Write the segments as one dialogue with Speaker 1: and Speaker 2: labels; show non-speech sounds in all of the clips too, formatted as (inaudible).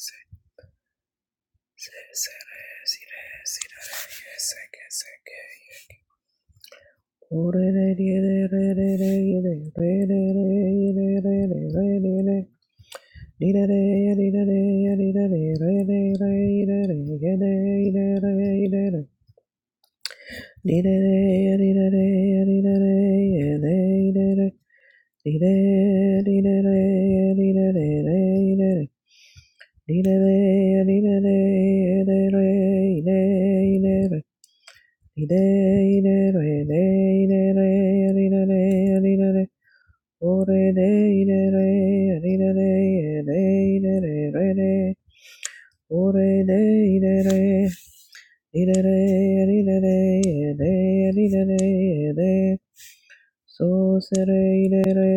Speaker 1: Yes, Dee-da-da, dee-da-da, dee-da-da, dee-da-da, dee-da-da, dee-da-da. So sere re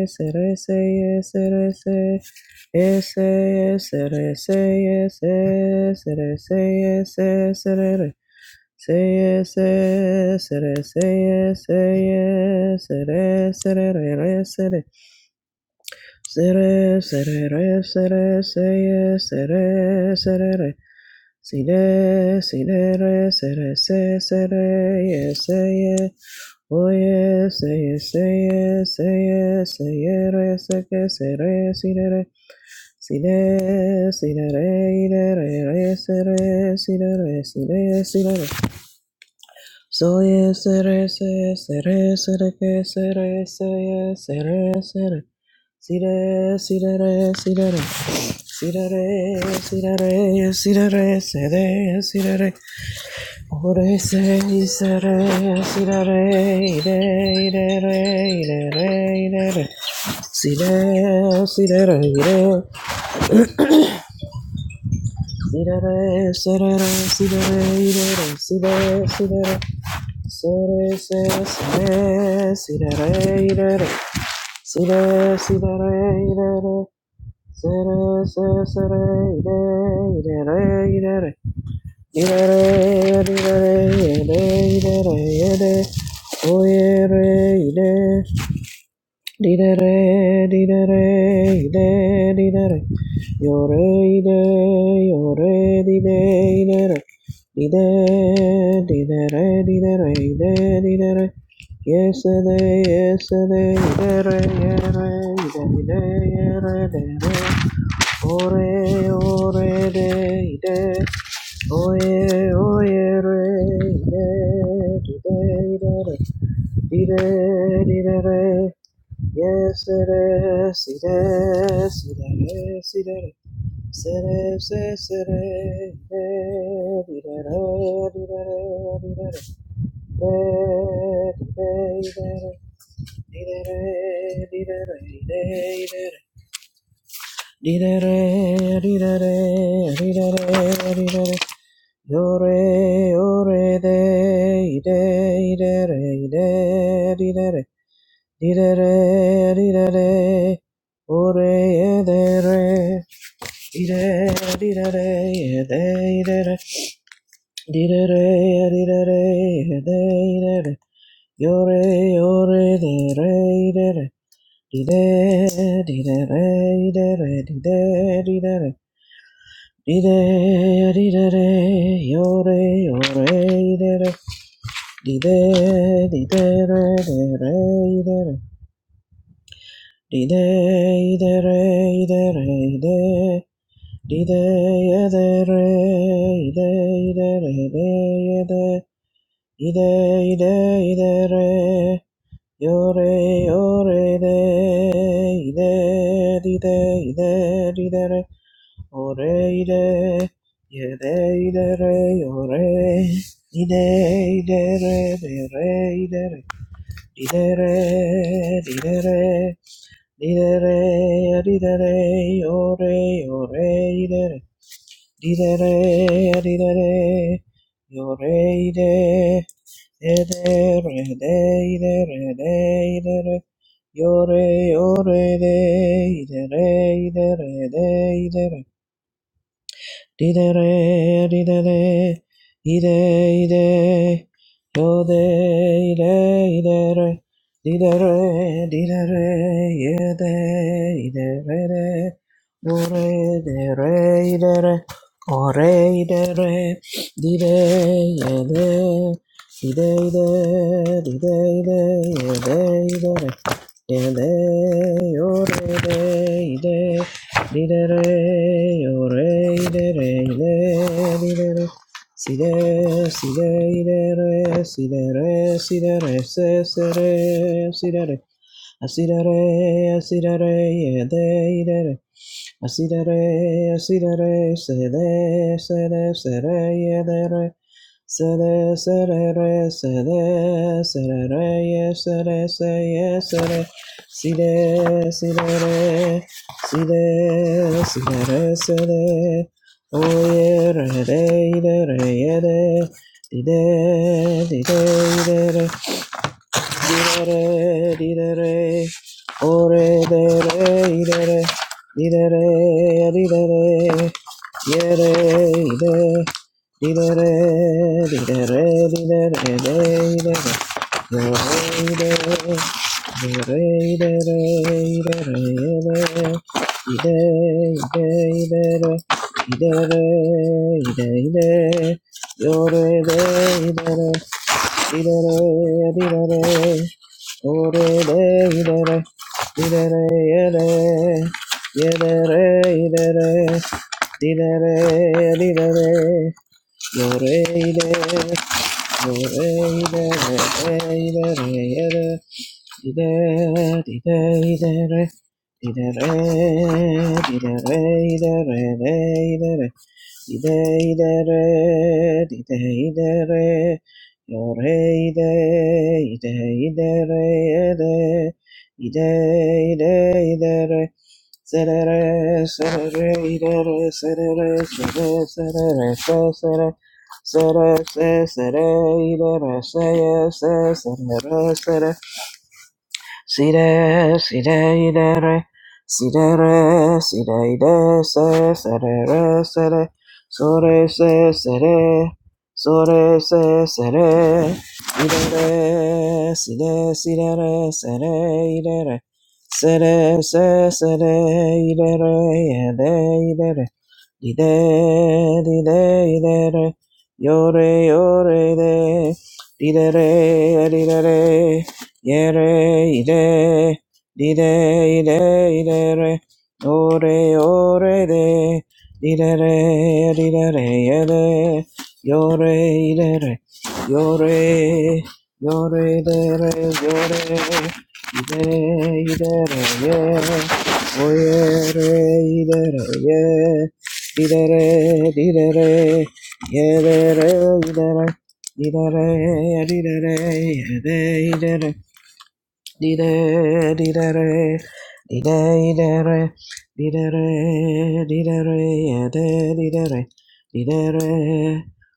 Speaker 1: sere se sere se ese sere se ese sere se ese sere Say yes, say yes, say yes, say yes, say yes, say yes, say yes, say yes, say yes, say yes, yes, yes, yes, say yes, say yes, say yes, yes, yes, oh yes, yes, yes, yes, yes, say yes, say yes, say yes, Si re, si re, re, i re, re, re, se que, sire, sire, re, si re, ire, re, si re, si re, sire, sire, re. Soye sere se sere sere ke sere sere sere sere sire sire re sire re sire re sire re sire re sere sire re ore se sere sire re ire ire re ire re ire re sire sire re ire sire re sere re sire re ire re sire sire re Sore se sere sire re ire re sire sire re ire re sere se sere ire ire re ire re ire re ire re ire re ire re ire re oye re ire Didere, didere, ide, didere. Yore, ide, yore, dide, idere. Dide, didere, didere, ide, didere. Yesterday, yesterday, idere, yere, ide, ide, yere, dere. re ore, de, ide. Oye, oye, re, dee re dee dee, dee re dee re O re o re dee dee. O ye, o ye re ide, dide, idere. Dide, didere. Yes, it is. It is. It is. It is. It is. It is. It is. It is. It is. It is. de, ide, ide, re, ide, Di-da-da, da da re ye da re Di-da, da da ye da ye-de-de-da. Di-da-da, di-da-da, da de da Yore, re, de-re, de-re. Di-da, di-da-da, di-da-da, di-da, di-da-da. Di-da, di-da-da, yore, re de-re. Di-da, di-da-da, de-re, de-re. Dide ide re ide re ide Dide ide re ide ide re ide ide Ide ide ide re Yore yore de ide dide ide dide re Ore ide Yede ide re yore Ide ide re de re ide re Ide re ide re Didere, didere, ore, ore, idere. Didere, didere, ore, ide. Edere, de, idere, de, idere. Yore, ore, de, idere, idere, de, idere. Didere, didere, ide, ide, yode, ide, idere, didere, didere, yede, idere, de, ore, dere, idere, ore, idere, dide, yede, dide, ide, dide, ide, yede, idere, yede, ore, de, ide, Di de re, o re, i de re, i le, di de re. Si de, si de, i de re, si de re, si de re, se, se re, si de re. A si de re, a si de re, i de, i de re. I see that re, I see that re, say there, say there, say re, yeah, there, re. Say there, say there, re, say there, say yeah, yeah, Oh yeah, re, there, yeah, there, re, yeah, Didere, didere, ore dere, idere, didere, didere, yere, ide, didere, didere, didere, de, idere, yore, idere, didere, idere, idere, yere, ide, ide, idere, idere, ide, ide, ide, yore, idere, Dee-da-da, dee-da-da. Oh, dee-da, dee-da-da. Dee-da-da, yeah-da. Yeah-da-da, dee-da-da. Dee-da-da, dee-da-da. Yo, dee-da. Yo, dee-da, dee-da-da, yeah-da. Dee-da, dee-da, dee-da-da. Dee-da-da, dee-da-da, dee-da-da, dee-da-da. Ide ide re, ide ide re, yo re ide, ide ide re, ede, ide ide ide re, sere re, sere re, re, ide re, sere re, sere, sere re, se, sere, sere, se, sere, ide re, se, ye, se, sere re, sere. Sire, sire, idere, sire, sire, ide, se, sere, re, sere, sore, se, sere, sore, se, sere, idere, sire, sire, re, sere, idere, sere, se, sere, idere, ede, idere, dide, dide, idere, yore, yore, de, didere, didere, Yere, ire, dire, ire, ire, re. Ore, ore, de. Dire, re, dire, re, yere. Yore, ire, re. Yore, yore, de, re, yore. Ire, ire, re, yere. Oyere, ire, re, ye. Dire, re, dire, re. Yere, re, ire, re. Dee-da-da, dee-da-da, yeah, Didere, didere, didere, didere, didere, didere, didere,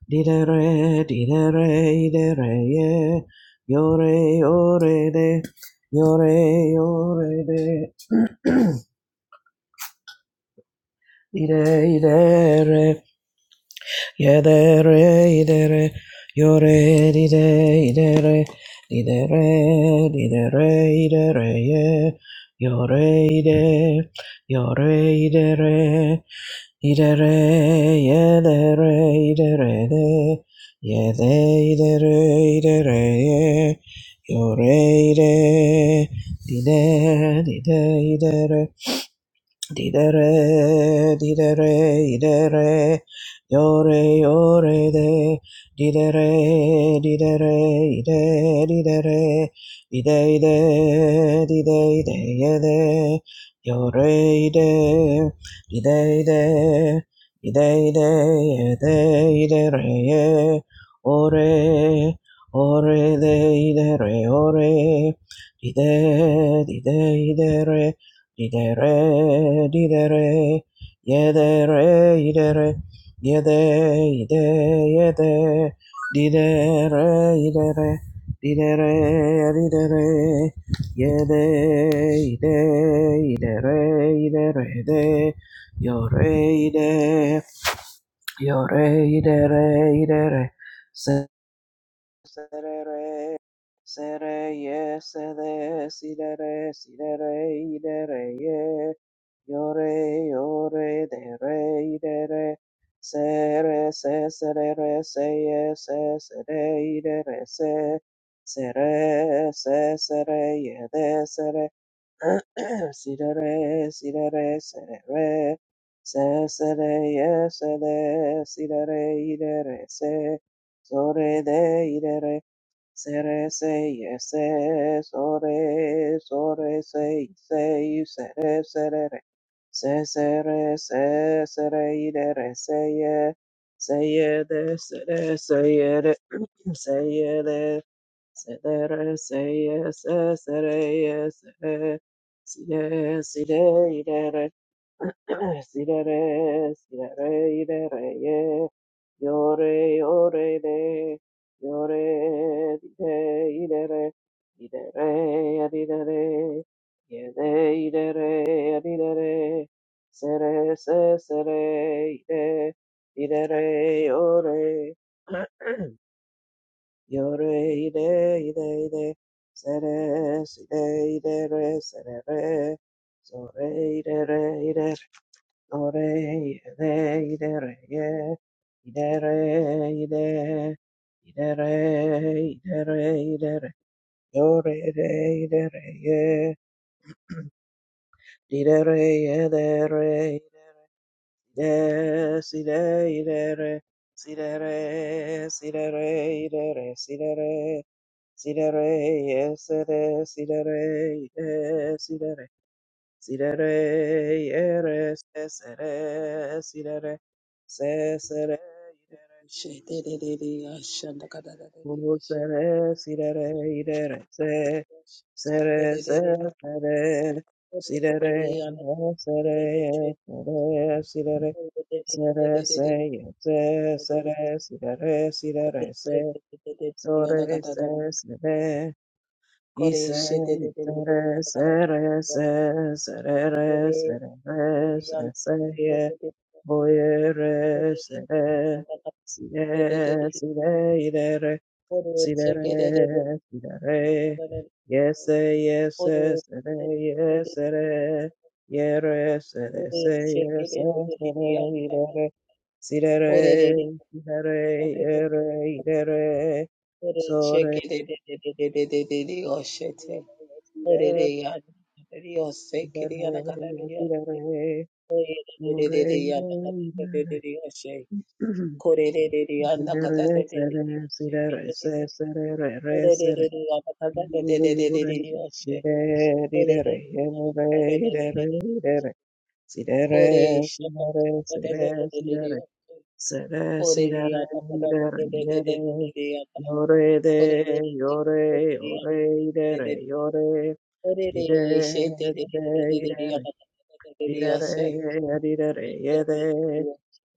Speaker 1: didere, didere, didere, didere, yeah. Yore, yore, de, yore, yore, de, didere, Yedere, idere, yore, dide, idere, didere, didere, idere, ye, yore, ide, yore, idere, idere, yedere, idere, de, yede, idere, idere, ye, yore, ide, dide, idere, Didere, didere, idere, yore, yore, de, didere, didere, ide, didere, ide, ide, dide, ide, yede, yore, ide, ide, ide, ide, ide, yede, idere, ye, ore, ore, de, idere, ore, ide, ide, idere, Idere, idere, yedere, idere, yede, ide, yede, didere, idere, didere, idere, yede, ide, idere, idere, de, yore, ide, yore, idere, idere, se serere sere ye sede sidere sidere idere ye yore yore dere idere sere se serere se ye se sere idere se sere se sere ye de sere (clears throat) sidere sidere serere se sere ye sede sidere idere se Sore de Sere se ye se sore sore se se sere sere re se sere se sere ide re se ye se ye de sere se ye de (clears throat) se ye de se de re se ye se sere ye sere si de si de ide re (clears throat) si de re si de re ide re ye Yore, yore, de, yore, de, idere, idere, adidere, yede, idere, adidere, sere, se, sere, ide, idere, yore, (clears throat) yore, ide, ide, ide, sere, ide idere, sere, re, sore, idere Ore, ide, idere, ye, idere, ide, idere, idere, idere, yore, ide, idere, ye, idere, idere, ides, ide, side idere, sidere, sidere, idere, sidere, sidere, yesere, sidere, ides, Sirere, yere, sesere, sirere, sesere, yere, sere, sirere, yere, se, sere, sesere, sirere, sere, sere, sirere, sere, se, yete, sere, sirere, sirere, se, sore, se, Ise, tere sere, se sere, re sere re se, serere, serere, se, seie, boiere, sere, sire, sire, irere, sirere, sirere, yese, yese, sere, yesere, yere, sere,
Speaker 2: Ore
Speaker 1: seie,
Speaker 2: shekere de
Speaker 1: se,
Speaker 2: de de de de
Speaker 1: sere,
Speaker 2: antaka.
Speaker 1: irere, sirere,
Speaker 2: Ore de de de
Speaker 1: sirere,
Speaker 2: de de de.
Speaker 1: yere, irere,
Speaker 2: Ore
Speaker 1: sore,
Speaker 2: shekere de de de de de de de de de oshete. Ore de ya de de ose
Speaker 1: Yore de
Speaker 2: kiri antaka de ya nakata de ose. Ore de de de de de antaka de de de de oshe. Kore de de de antaka de de de de osheke de oshe kiri de de. Ore de de de antaka de de de de de de de oshe. Ore de de de antaka de de de de de de oshe. Kore shekere de de de de de de oshe. Oreriyata kadadadadadadadadadata. Koreriyata
Speaker 1: yore ore idere
Speaker 2: kadadadadadadadadada.
Speaker 1: yore ide ide
Speaker 2: Oreriyashedadadadadadadadadada.
Speaker 1: Didere,
Speaker 2: Oreriyase.
Speaker 1: didere, yede,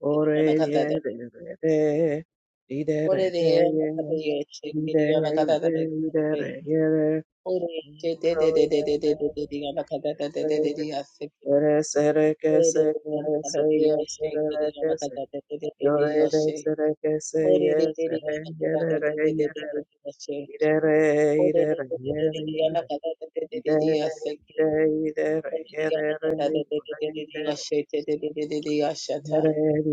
Speaker 1: ore,
Speaker 2: kadadadadadadadada.
Speaker 1: yede, yede, didere,
Speaker 2: Oreriyata
Speaker 1: deye,
Speaker 2: kadadadadadadadada. Oreriyata kadadadadadadadada.
Speaker 1: dide, ide, didere, yede, ro, yede,
Speaker 2: Oreriyashedadadadadadadadada. Kadadadadadadadadadase. Oreriyata kadadadadadadadada. Oreriyata kadadadadadadadada.
Speaker 1: yede, ere, sere, kese,
Speaker 2: Oreriyata
Speaker 1: kere, seye, sere, re, kese, yore, de, sere, kese, ye, sere, yede, re, yede, re,
Speaker 2: kadadadadadadadada.
Speaker 1: idere,
Speaker 2: Ishanda
Speaker 1: idere, yede, yede, ide, ide, idere, yede, re, yore, yede, Yore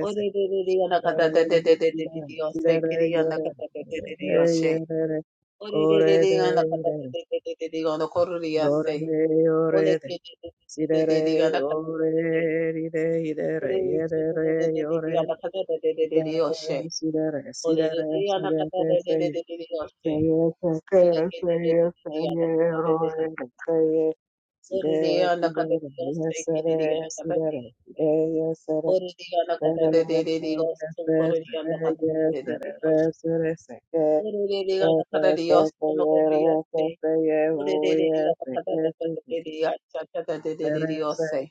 Speaker 2: Ore the anakata
Speaker 1: Sidere,
Speaker 2: de de de de also
Speaker 1: sidere,
Speaker 2: for
Speaker 1: yes, sir, sidere, sidere, yes, sir,
Speaker 2: the
Speaker 1: Yes,
Speaker 2: anakata de de de Orereriya nakarariya sonokorriya se. Orereriya nakaradadereriya chachadadereriya se.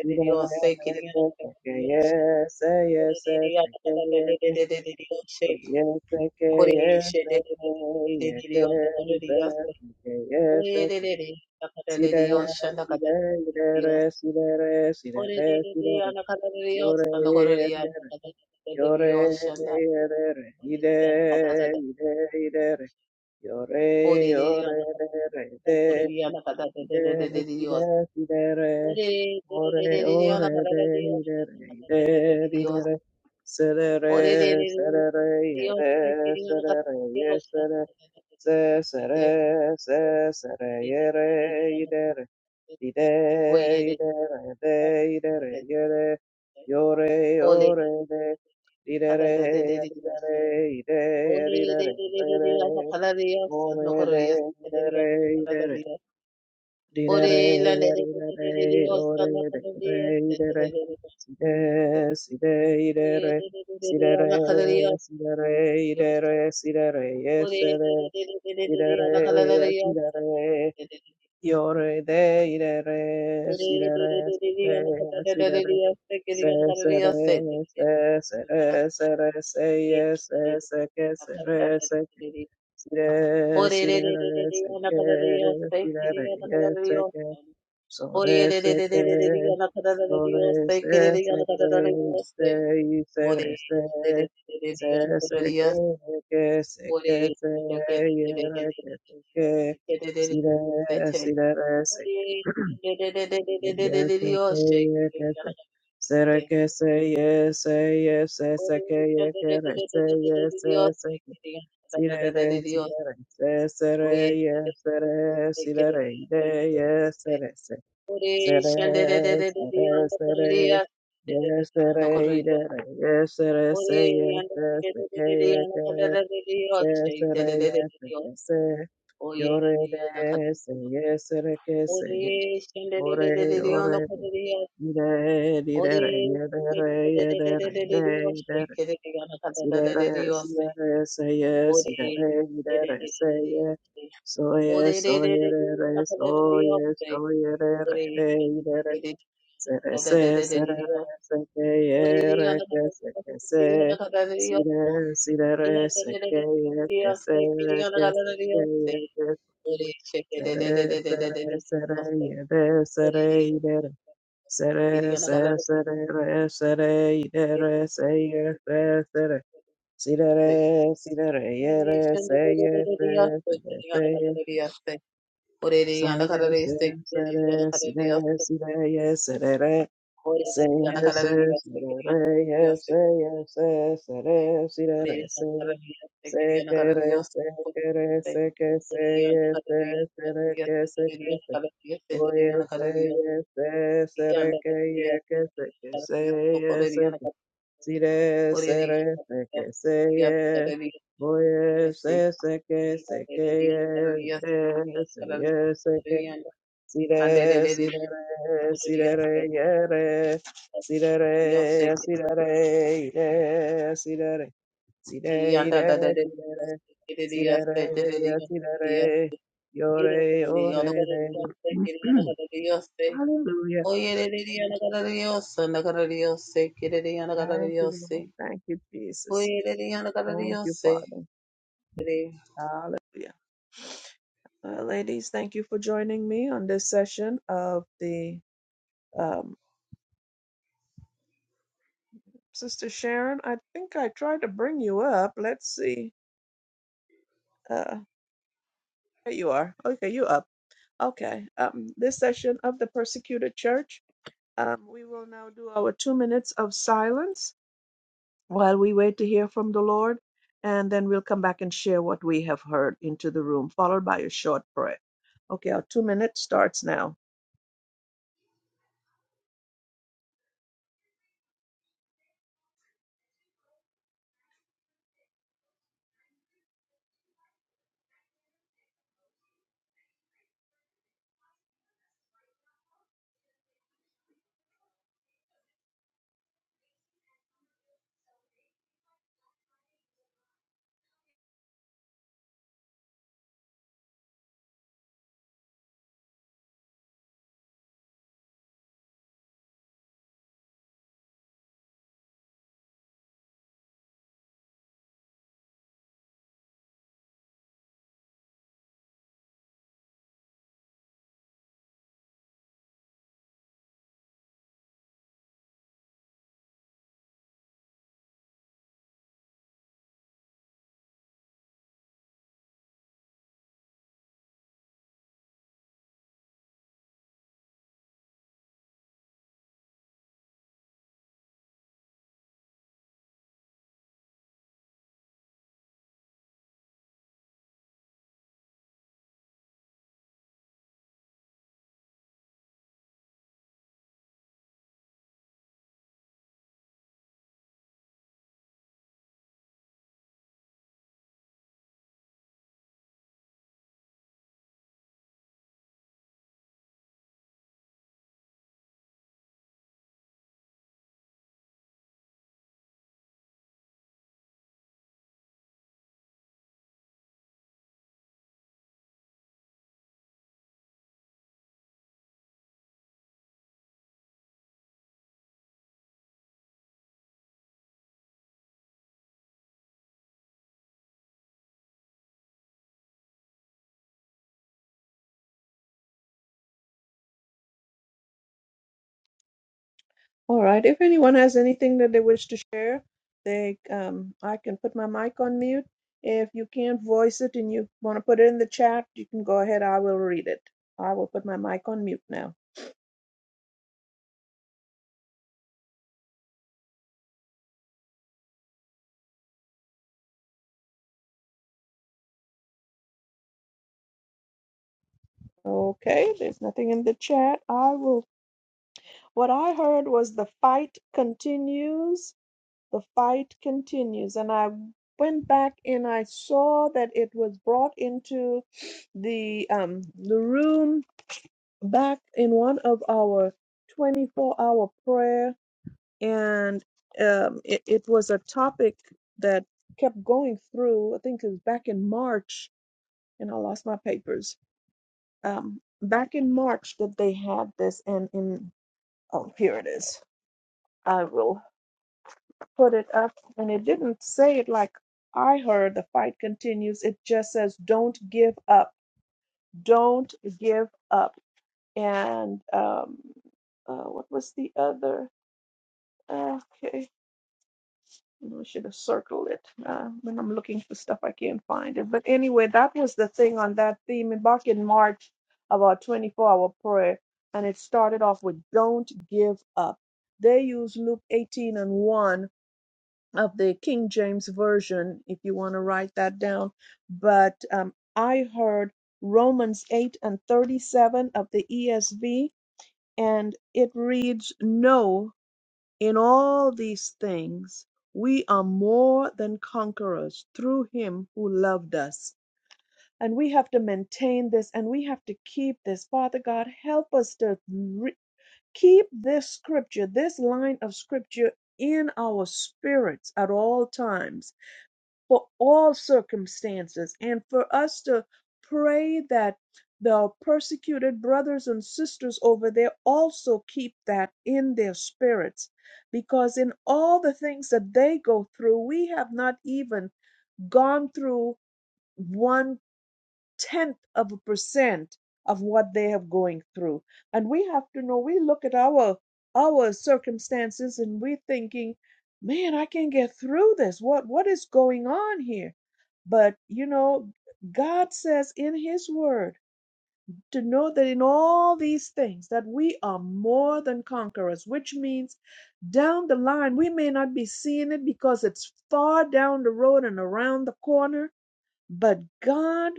Speaker 1: Yes, yes, yes, yes,
Speaker 2: Oye,
Speaker 1: yes, yes, yes, See there, see there, see there, see there, see there, see there. Yore, yore, yore, yore, ide, ide, ide, yore, yore, Ide, ide, idere, ore, ore, de, idere, ide, idere, serere, serere, yere, serere, yesere, se, sere, se, sere, yere, idere, ide,
Speaker 2: Oyele
Speaker 1: idere, de, idere, yere, yore, ore, de, idere,
Speaker 2: adadadada. de de
Speaker 1: idere, ide, idere,
Speaker 2: de de de
Speaker 1: yere,
Speaker 2: kalaleyasa kalaleyasa. de de de Oyeleleleleleleyasa de Asa No
Speaker 1: ore,
Speaker 2: Koro
Speaker 1: de,
Speaker 2: de Asa de kalaleyasa
Speaker 1: idere,
Speaker 2: de de
Speaker 1: Sidere, sidere,
Speaker 2: Asa Ore la de
Speaker 1: seke, sidere,
Speaker 2: kalaleyasa. Dios,
Speaker 1: Yes, seke, Sore seke sore sobre se se que, se y se re se, se se ke que se que (clears throat) se, y re ke se que, si re, si re re se que, sobre se (clears throat) ke y que se, se re ke se, ye se, ye se se que, y que re se, ye se se que, si re re,
Speaker 2: Dios,
Speaker 1: si re re, se se re, y
Speaker 2: Oye,
Speaker 1: se re, si re
Speaker 2: Ore
Speaker 1: re, ye se re se. Sere, sere, sere. Yes, sere, idere. Yes, sere, se, yes, se, se, ke, ye, ke. Se, sere, yes, se, ke, se. Yore, de, se, yes, sere, ke, se, ye. Ore, ore, de. Ire, didere, yedere, yedere, de, idere. Sidere, sidere, se, yes, idere, idere, se, ye. Soye, yes, re, yes, soye, yes, re, yes, de, idere. Sere se, sere re, seke ye re ke seke se. Sire, sire re, seke ye ke se re ke seke ye ke. Sere, sere, sere ye de, sere ide re. Sere, se,
Speaker 2: Ore
Speaker 1: sere re, sere ide re, se ye se, sere. Sire re, sire re re ye re, se ye se, sere se ye. So ye se, sere, sire, sire ye sere re. Say yes, yes, si da re, yes, say yes, yes, si
Speaker 2: Yes,
Speaker 1: re, si da re, say. Say que re, say que re, say que say yes, yes, se re que say que say. Oh yes, say yes, yes, si re que ye que say que say yes, say que si re, se re, say que say yes. Oh yes, say say que say que yes, yes, say yes, say que. Sire, sirere, sirere, yere, sirere, sirere, ire, sirere, sire, ire, sirere, sirere, sirere,
Speaker 2: Quiero que
Speaker 1: yore,
Speaker 2: te diga una
Speaker 1: ore,
Speaker 2: cosa de
Speaker 1: re.
Speaker 2: Dios, te quiero una
Speaker 1: (clears throat)
Speaker 2: cosa de Dios, te-
Speaker 1: Hallelujah.
Speaker 2: Oye, le diría una cara de Dios, una cara de Dios, se quiere diría una cara de
Speaker 1: Thank you,
Speaker 2: Dios,
Speaker 1: Lord.
Speaker 2: se-
Speaker 1: Thank you, Jesus.
Speaker 2: Oye, le diría una cara de
Speaker 1: Thank
Speaker 2: Dios,
Speaker 1: you, Father.
Speaker 2: se-
Speaker 1: Hallelujah. Well, ladies, thank you for joining me on this session of the um, Sister Sharon, I think I tried to bring you up. Let's see. Uh, there you are. Okay, you up. Okay. Um, this session of the persecuted church, um, we will now do our two minutes of silence while we wait to hear from the Lord, and then we'll come back and share what we have heard into the room, followed by a short prayer. Okay, our two minutes starts now. All right. If anyone has anything that they wish to share, they um, I can put my mic on mute. If you can't voice it and you want to put it in the chat, you can go ahead. I will read it. I will put my mic on mute now. Okay. There's nothing in the chat. I will. What I heard was the fight continues. The fight continues, and I went back and I saw that it was brought into the um the room back in one of our 24 hour prayer and um, it, it was a topic that kept going through i think it was back in march and i lost my papers um, back in march that they had this and in oh here it is i will put it up and it didn't say it like i heard the fight continues it just says don't give up don't give up and um, uh, what was the other Okay. I should have circled it. Uh, when I'm looking for stuff, I can't find it. But anyway, that was the thing on that theme back in March about 24 hour prayer. And it started off with don't give up. They use Luke 18 and 1 of the King James Version, if you want to write that down. But um, I heard Romans 8 and 37 of the ESV, and it reads, No. In all these things, we are more than conquerors through him who loved us. And we have to maintain this and we have to keep this. Father God, help us to re- keep this scripture, this line of scripture in our spirits at all times for all circumstances and for us to pray that the persecuted brothers and sisters over there also keep that in their spirits because in all the things that they go through we have not even gone through 1% tenth of a percent of what they have going through and we have to know we look at our our circumstances and we thinking man i can't get through this what what is going on here but you know god says in his word to know that in all these things that we are more than conquerors which means down the line we may not be seeing it because it's far down the road and around the corner but god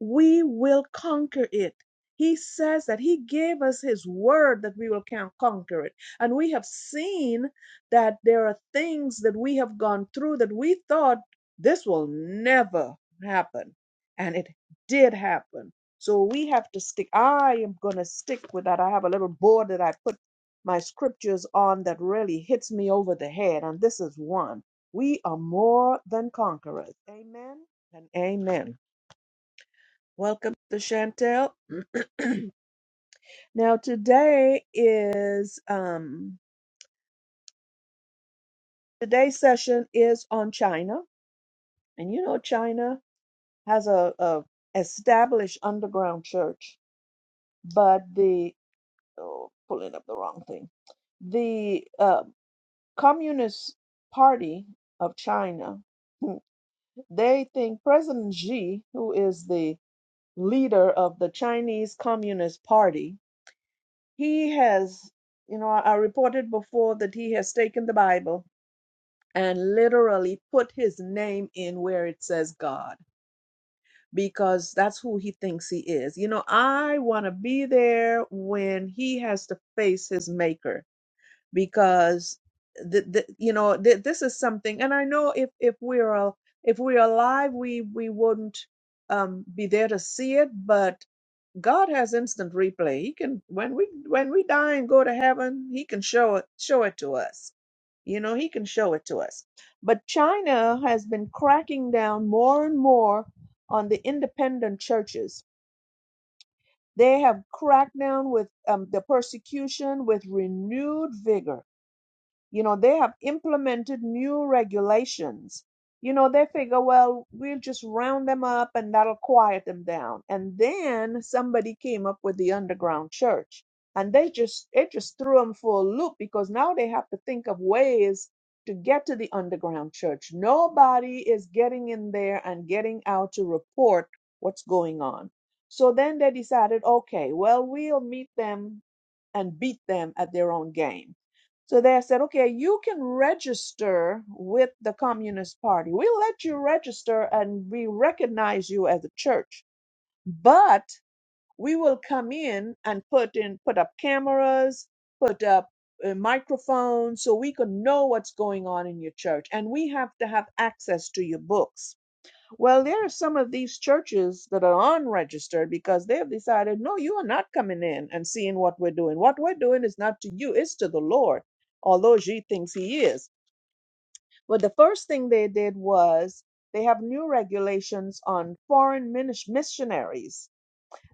Speaker 1: we will conquer it. He says that He gave us His word that we will can- conquer it. And we have seen that there are things that we have gone through that we thought this will never happen. And it did happen. So we have to stick. I am going to stick with that. I have a little board that I put my scriptures on that really hits me over the head. And this is one. We are more than conquerors. Amen and amen. Welcome to Chantel. (clears throat) now today is um today's session is on China. And you know China has a, a established underground church, but the oh pulling up the wrong thing. The uh, Communist Party of China, (laughs) they think President Xi, who is the leader of the Chinese Communist Party, He has, you know, I reported before that he has taken the Bible and literally put his name in where it says God because that's who he thinks he is. You know, I want to be there when he has to face his maker because the, the, you know th- this is something and I know if if we're al- if we're alive we we wouldn't um be there to see it but God has instant replay. He can when we when we die and go to heaven, he can show it show it to us. You know, he can show it to us. But China has been cracking down more and more on the independent churches. They have cracked down with um, the persecution with renewed vigor you know, they have implemented new regulations. You know, they figure, well, we'll just round them up and that'll quiet them down. And then somebody came up with the underground church and they just, it just threw them for a loop because now they have to think of ways to get to the underground church. Nobody is getting in there and getting out to report what's going on. So then they decided, okay, well, we'll meet them and beat them at their own game so they said, okay, you can register with the Communist Party. We let you register and we recognize you as a church, but we will come in and put in, put up cameras, put up uh, microphones so we can know what's going on in your church. And we have to have access to your books well, there are some of these churches that are unregistered because they have decided, no, you are not coming in and seeing what we're doing. What we're doing is not to you, it's to the Lord, although she thinks he is. But the first thing they did was they have new regulations on foreign minis- missionaries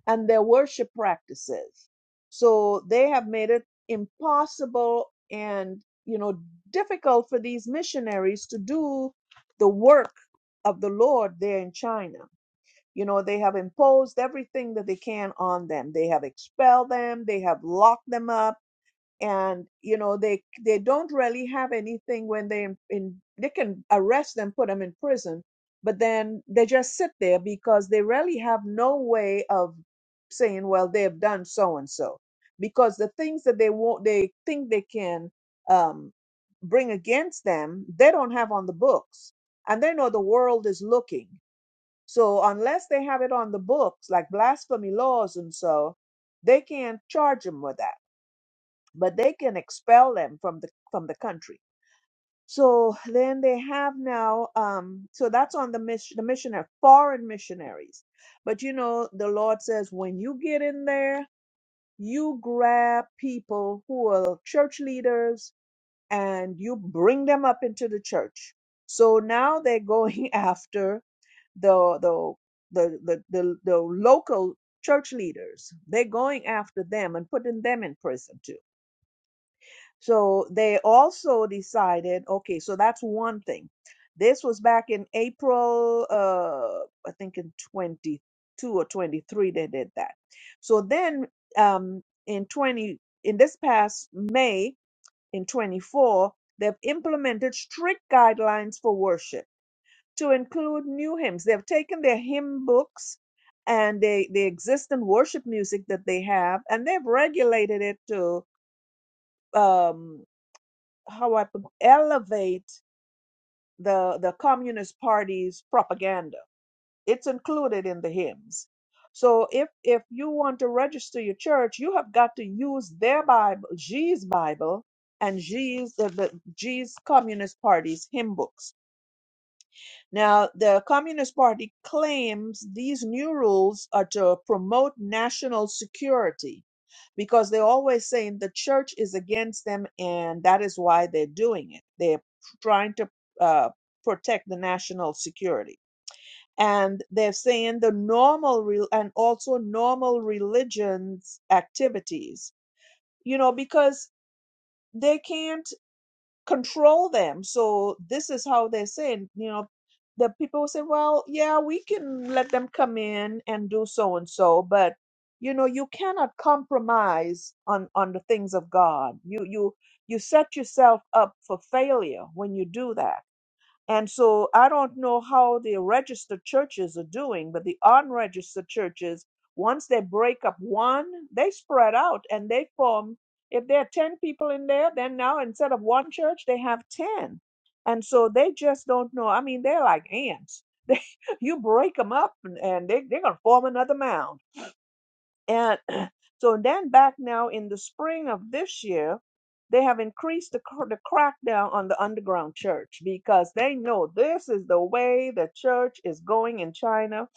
Speaker 1: and their worship practices. So they have made it impossible and, you know, difficult for these missionaries to do the work of the Lord there in China. You know, they have imposed everything that they can on them. They have expelled them, they have locked them up, and you know, they they don't really have anything when they in, they can arrest them, put them in prison, but then they just sit there because they really have no way of saying, well, they have done so and so. Because the things that they want they think they can um bring against them, they don't have on the books. And they know the world is looking. So unless they have it on the books, like blasphemy laws and so, they can't charge them with that, but they can expel them from the from the country. So then they have now, um, so that's on the mission, the missionary, foreign missionaries. But you know, the Lord says when you get in there, you grab people who are church leaders and you bring them up into the church. So now they're going (laughs) after the the the the, the, the local church leaders they're going after them and putting them in prison too so they also decided okay so that's one thing this was back in april uh i think in 22 or 23 they did that so then um in 20 in this past may in 24 they've implemented strict guidelines for worship to include new hymns. They've taken their hymn books and they the existing worship music that they have, and they've regulated it to um, how I put, elevate the the Communist Party's propaganda. It's included in the hymns. So if if you want to register your church, you have got to use their Bible, G's Bible, and G's the, the G's Communist Party's hymn books Now, the Communist Party claims these new rules are to promote national security because they're always saying the church is against them and that is why they're doing it. They're trying to uh, protect the national security. And they're saying the normal re- and also normal religions activities, you know, because they can't control them. So this is how they're saying, you know, the people say, well, yeah, we can let them come in and do so and so, but you know, you cannot compromise on on the things of God. You you you set yourself up for failure when you do that. And so I don't know how the registered churches are doing, but the unregistered churches, once they break up one, they spread out and they form. If there are 10 people in there, then now instead of one church, they have 10. And so they just don't know. I mean, they're like ants. (laughs) They, you break them up and, and they, they're going to form another mound and (clears throat) so then back now in the spring of this year, they have increased the, cr- the crackdown on the underground church because they know this is the way the church is going in China.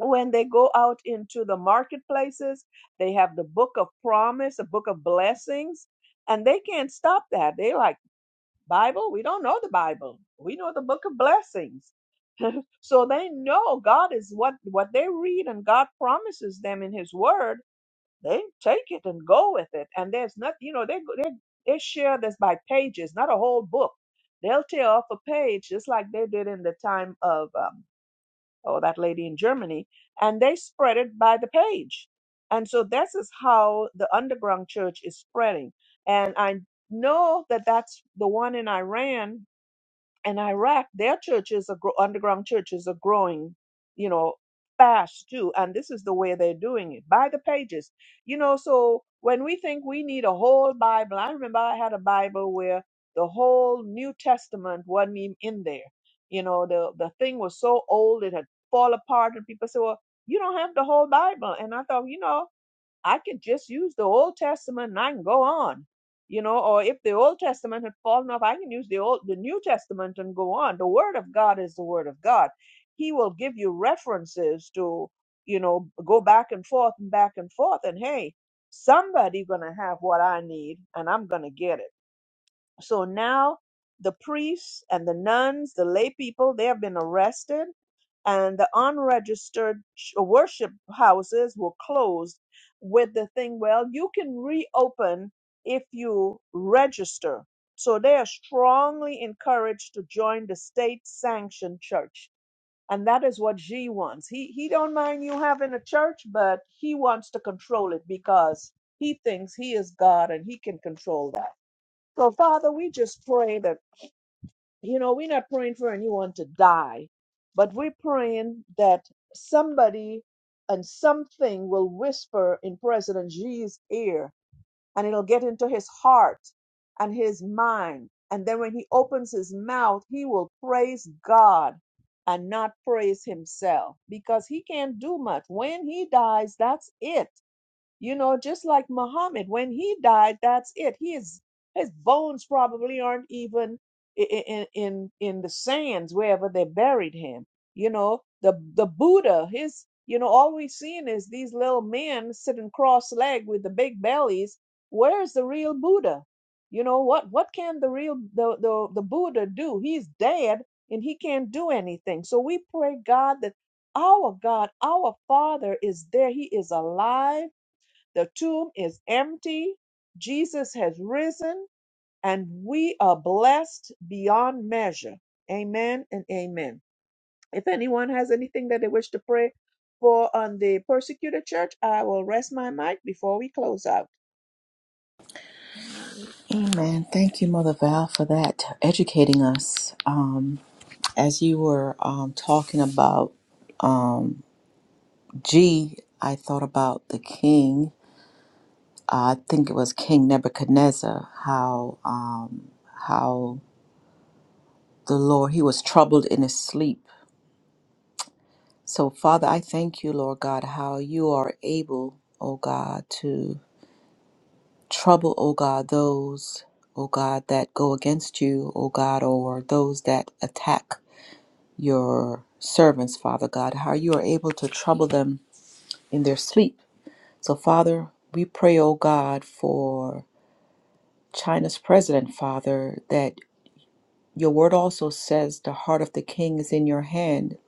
Speaker 1: When they go out into the marketplaces, they have the book of promise, the book of blessings, and they can't stop that. They like, Bible? We don't know the Bible. We know the book of blessings. So they know God is what, what they read and God promises them in his word they take it and go with it, and there's not, You know, they they they share this by pages, not a whole book. They'll tear off a page, just like they did in the time of um, oh that lady in Germany, and they spread it by the page. And so this is how the underground church is spreading. And I know that that's the one in Iran in Iraq, their churches are gro- underground churches are growing, you know, fast too. And this is the way they're doing it by the pages, you know. So when we think we need a whole Bible, I remember I had a Bible where the whole New Testament wasn't even in there. You know, the the thing was so old it had fall apart, and people said, "Well, you don't have the whole Bible." And I thought, you know. I could just use the Old Testament and I can go on. You know, or if the Old Testament had fallen off, I can use the old the New Testament and go on. The Word of God is the Word of God. He will give you references to, you know, go back and forth and back and forth. And hey, somebody gonna have what I need and I'm gonna get it. So now the priests and the nuns, the lay people, they have been arrested, and the unregistered ch- worship houses were closed with the thing, well, you can reopen if you register. So they are strongly encouraged to join the state sanctioned church. And that is what G wants. He he don't mind you having a church, but he wants to control it because he thinks he is God and he can control that. So, Father, we just pray that, you know, we're not praying for anyone to die, but we're praying that somebody and something will whisper in President Xi's ear and it'll get into his heart and his mind. And then when he opens his mouth, he will praise God and not praise himself because he can't do much. When he dies, that's it. You know, just like Muhammad, when he died, that's it. His his bones probably aren't even i- i- in in in the sands wherever they buried him. You know, the the Buddha, his you know, all we've seen is these little men sitting cross-legged with the big bellies. Where's the real Buddha? You know what? What can the real the the, the Buddha do? He's dead and he can't do anything. So we pray God that our God, our Father is there. He is alive the tomb is empty. Jesus has risen, and we are blessed beyond measure. Amen and amen. If anyone has anything that they wish to pray for on the persecuted church, I will rest my mic before we close out.
Speaker 3: Amen. Thank you, Mother Val, for that, educating us. Um, as you were um, talking about um, G, I thought about the king. Uh, I think it was King Nebuchadnezzar. How um, how the Lord he was troubled in his sleep. So, Father, I thank you, Lord God, how you are able, O God, to trouble, O God, those, O God, that go against you, O God, or those that attack. your servants, Father God, how you are able to trouble them in their sleep. So, Father, we pray, oh God, for China's president, Father, that your word also says the heart of the king is in your hand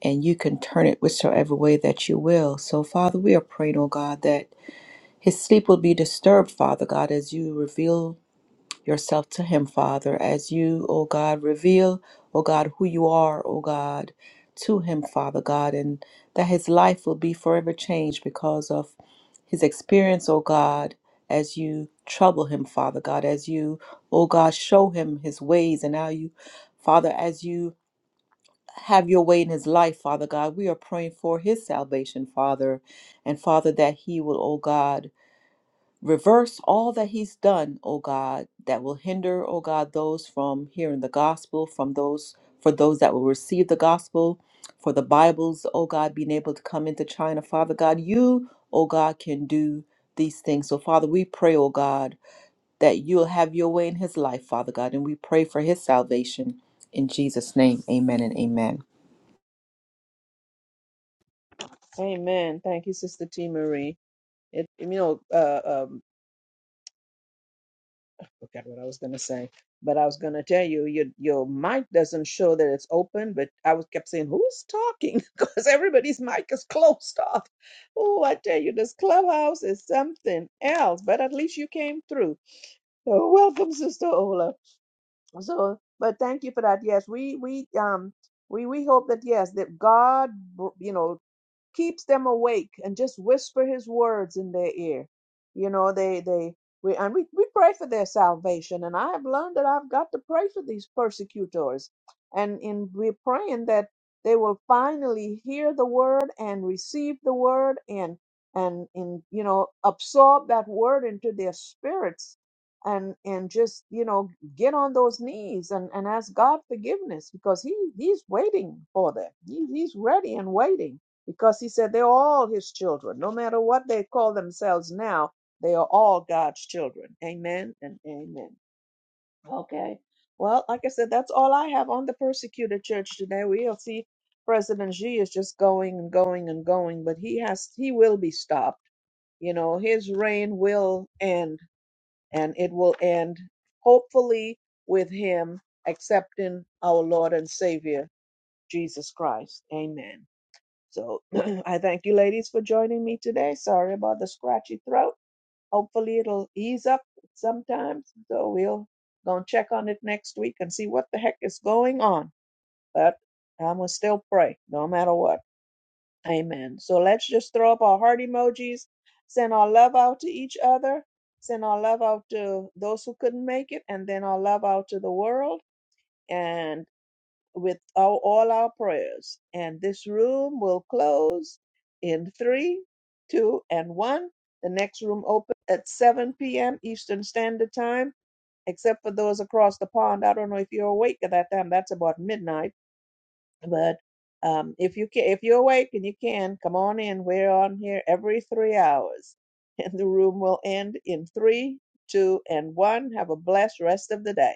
Speaker 3: and you can turn it whichsoever way that you will. So, Father, we are praying, oh God, that his sleep will be disturbed, Father God, as you reveal yourself to Him, Father, as you, O God, reveal, O God, who you are, O God, to Him, Father God, and that His life will be forever changed because of His experience, O God, as you trouble Him, Father God, as you, O God, show Him His ways and how you, Father, as you have your way in his life, Father God. We are praying for his salvation, Father. And Father, that he will, O God, Reverse all that he's done, O God, that will hinder, O God, those from hearing the gospel, from those for those that will receive the gospel, for the Bibles, O God, being able to come into China. Father God, you, O God, can do these things. So Father, we pray, O God, that you'll have your way in his life, Father God, and we pray for his salvation. In Jesus' name, amen and amen.
Speaker 1: Amen. Thank you, Sister T. Marie. It, you know, uh, um, forgot what I was gonna say, but I was gonna tell you your your mic doesn't show that it's open, but I was kept saying who's talking (laughs) because everybody's mic is closed off. Oh, I tell you, this clubhouse is something else. But at least you came through. So welcome, Sister Ola. So, but thank you for that. Yes, we we um we we hope that yes that God you know keeps them awake and just whisper his words in their ear you know they they we and we, we pray for their salvation and i have learned that i've got to pray for these persecutors and in we're praying that they will finally hear the word and receive the word and and in you know absorb that word into their spirits and and just you know get on those knees and and ask god forgiveness because he he's waiting for them he, he's ready and waiting because he said they're all his children. No matter what they call themselves now, they are all God's children. Amen and amen. Okay. Well, like I said, that's all I have on the persecuted church today. We'll see President Xi is just going and going and going, but he has he will be stopped. You know, his reign will end and it will end hopefully with him accepting our Lord and Savior Jesus Christ. Amen. So (clears throat) I thank you, ladies, for joining me today. Sorry about the scratchy throat. Hopefully, it'll ease up sometimes. So we'll go and check on it next week and see what the heck is going on. But I will still pray, no matter what. Amen. So let's just throw up our heart emojis, send our love out to each other, send our love out to those who couldn't make it, and then our love out to the world. And with all, all our prayers. And this room will close in three, two, and one. The next room open at 7 p.m. Eastern Standard Time, except for those across the pond. I don't know if you're awake at that time. That's about midnight. But um, if you can, if you're awake and you can, come on in. We're on here every three hours, (laughs) and the room will end in three, two, and one. Have a blessed rest of the day.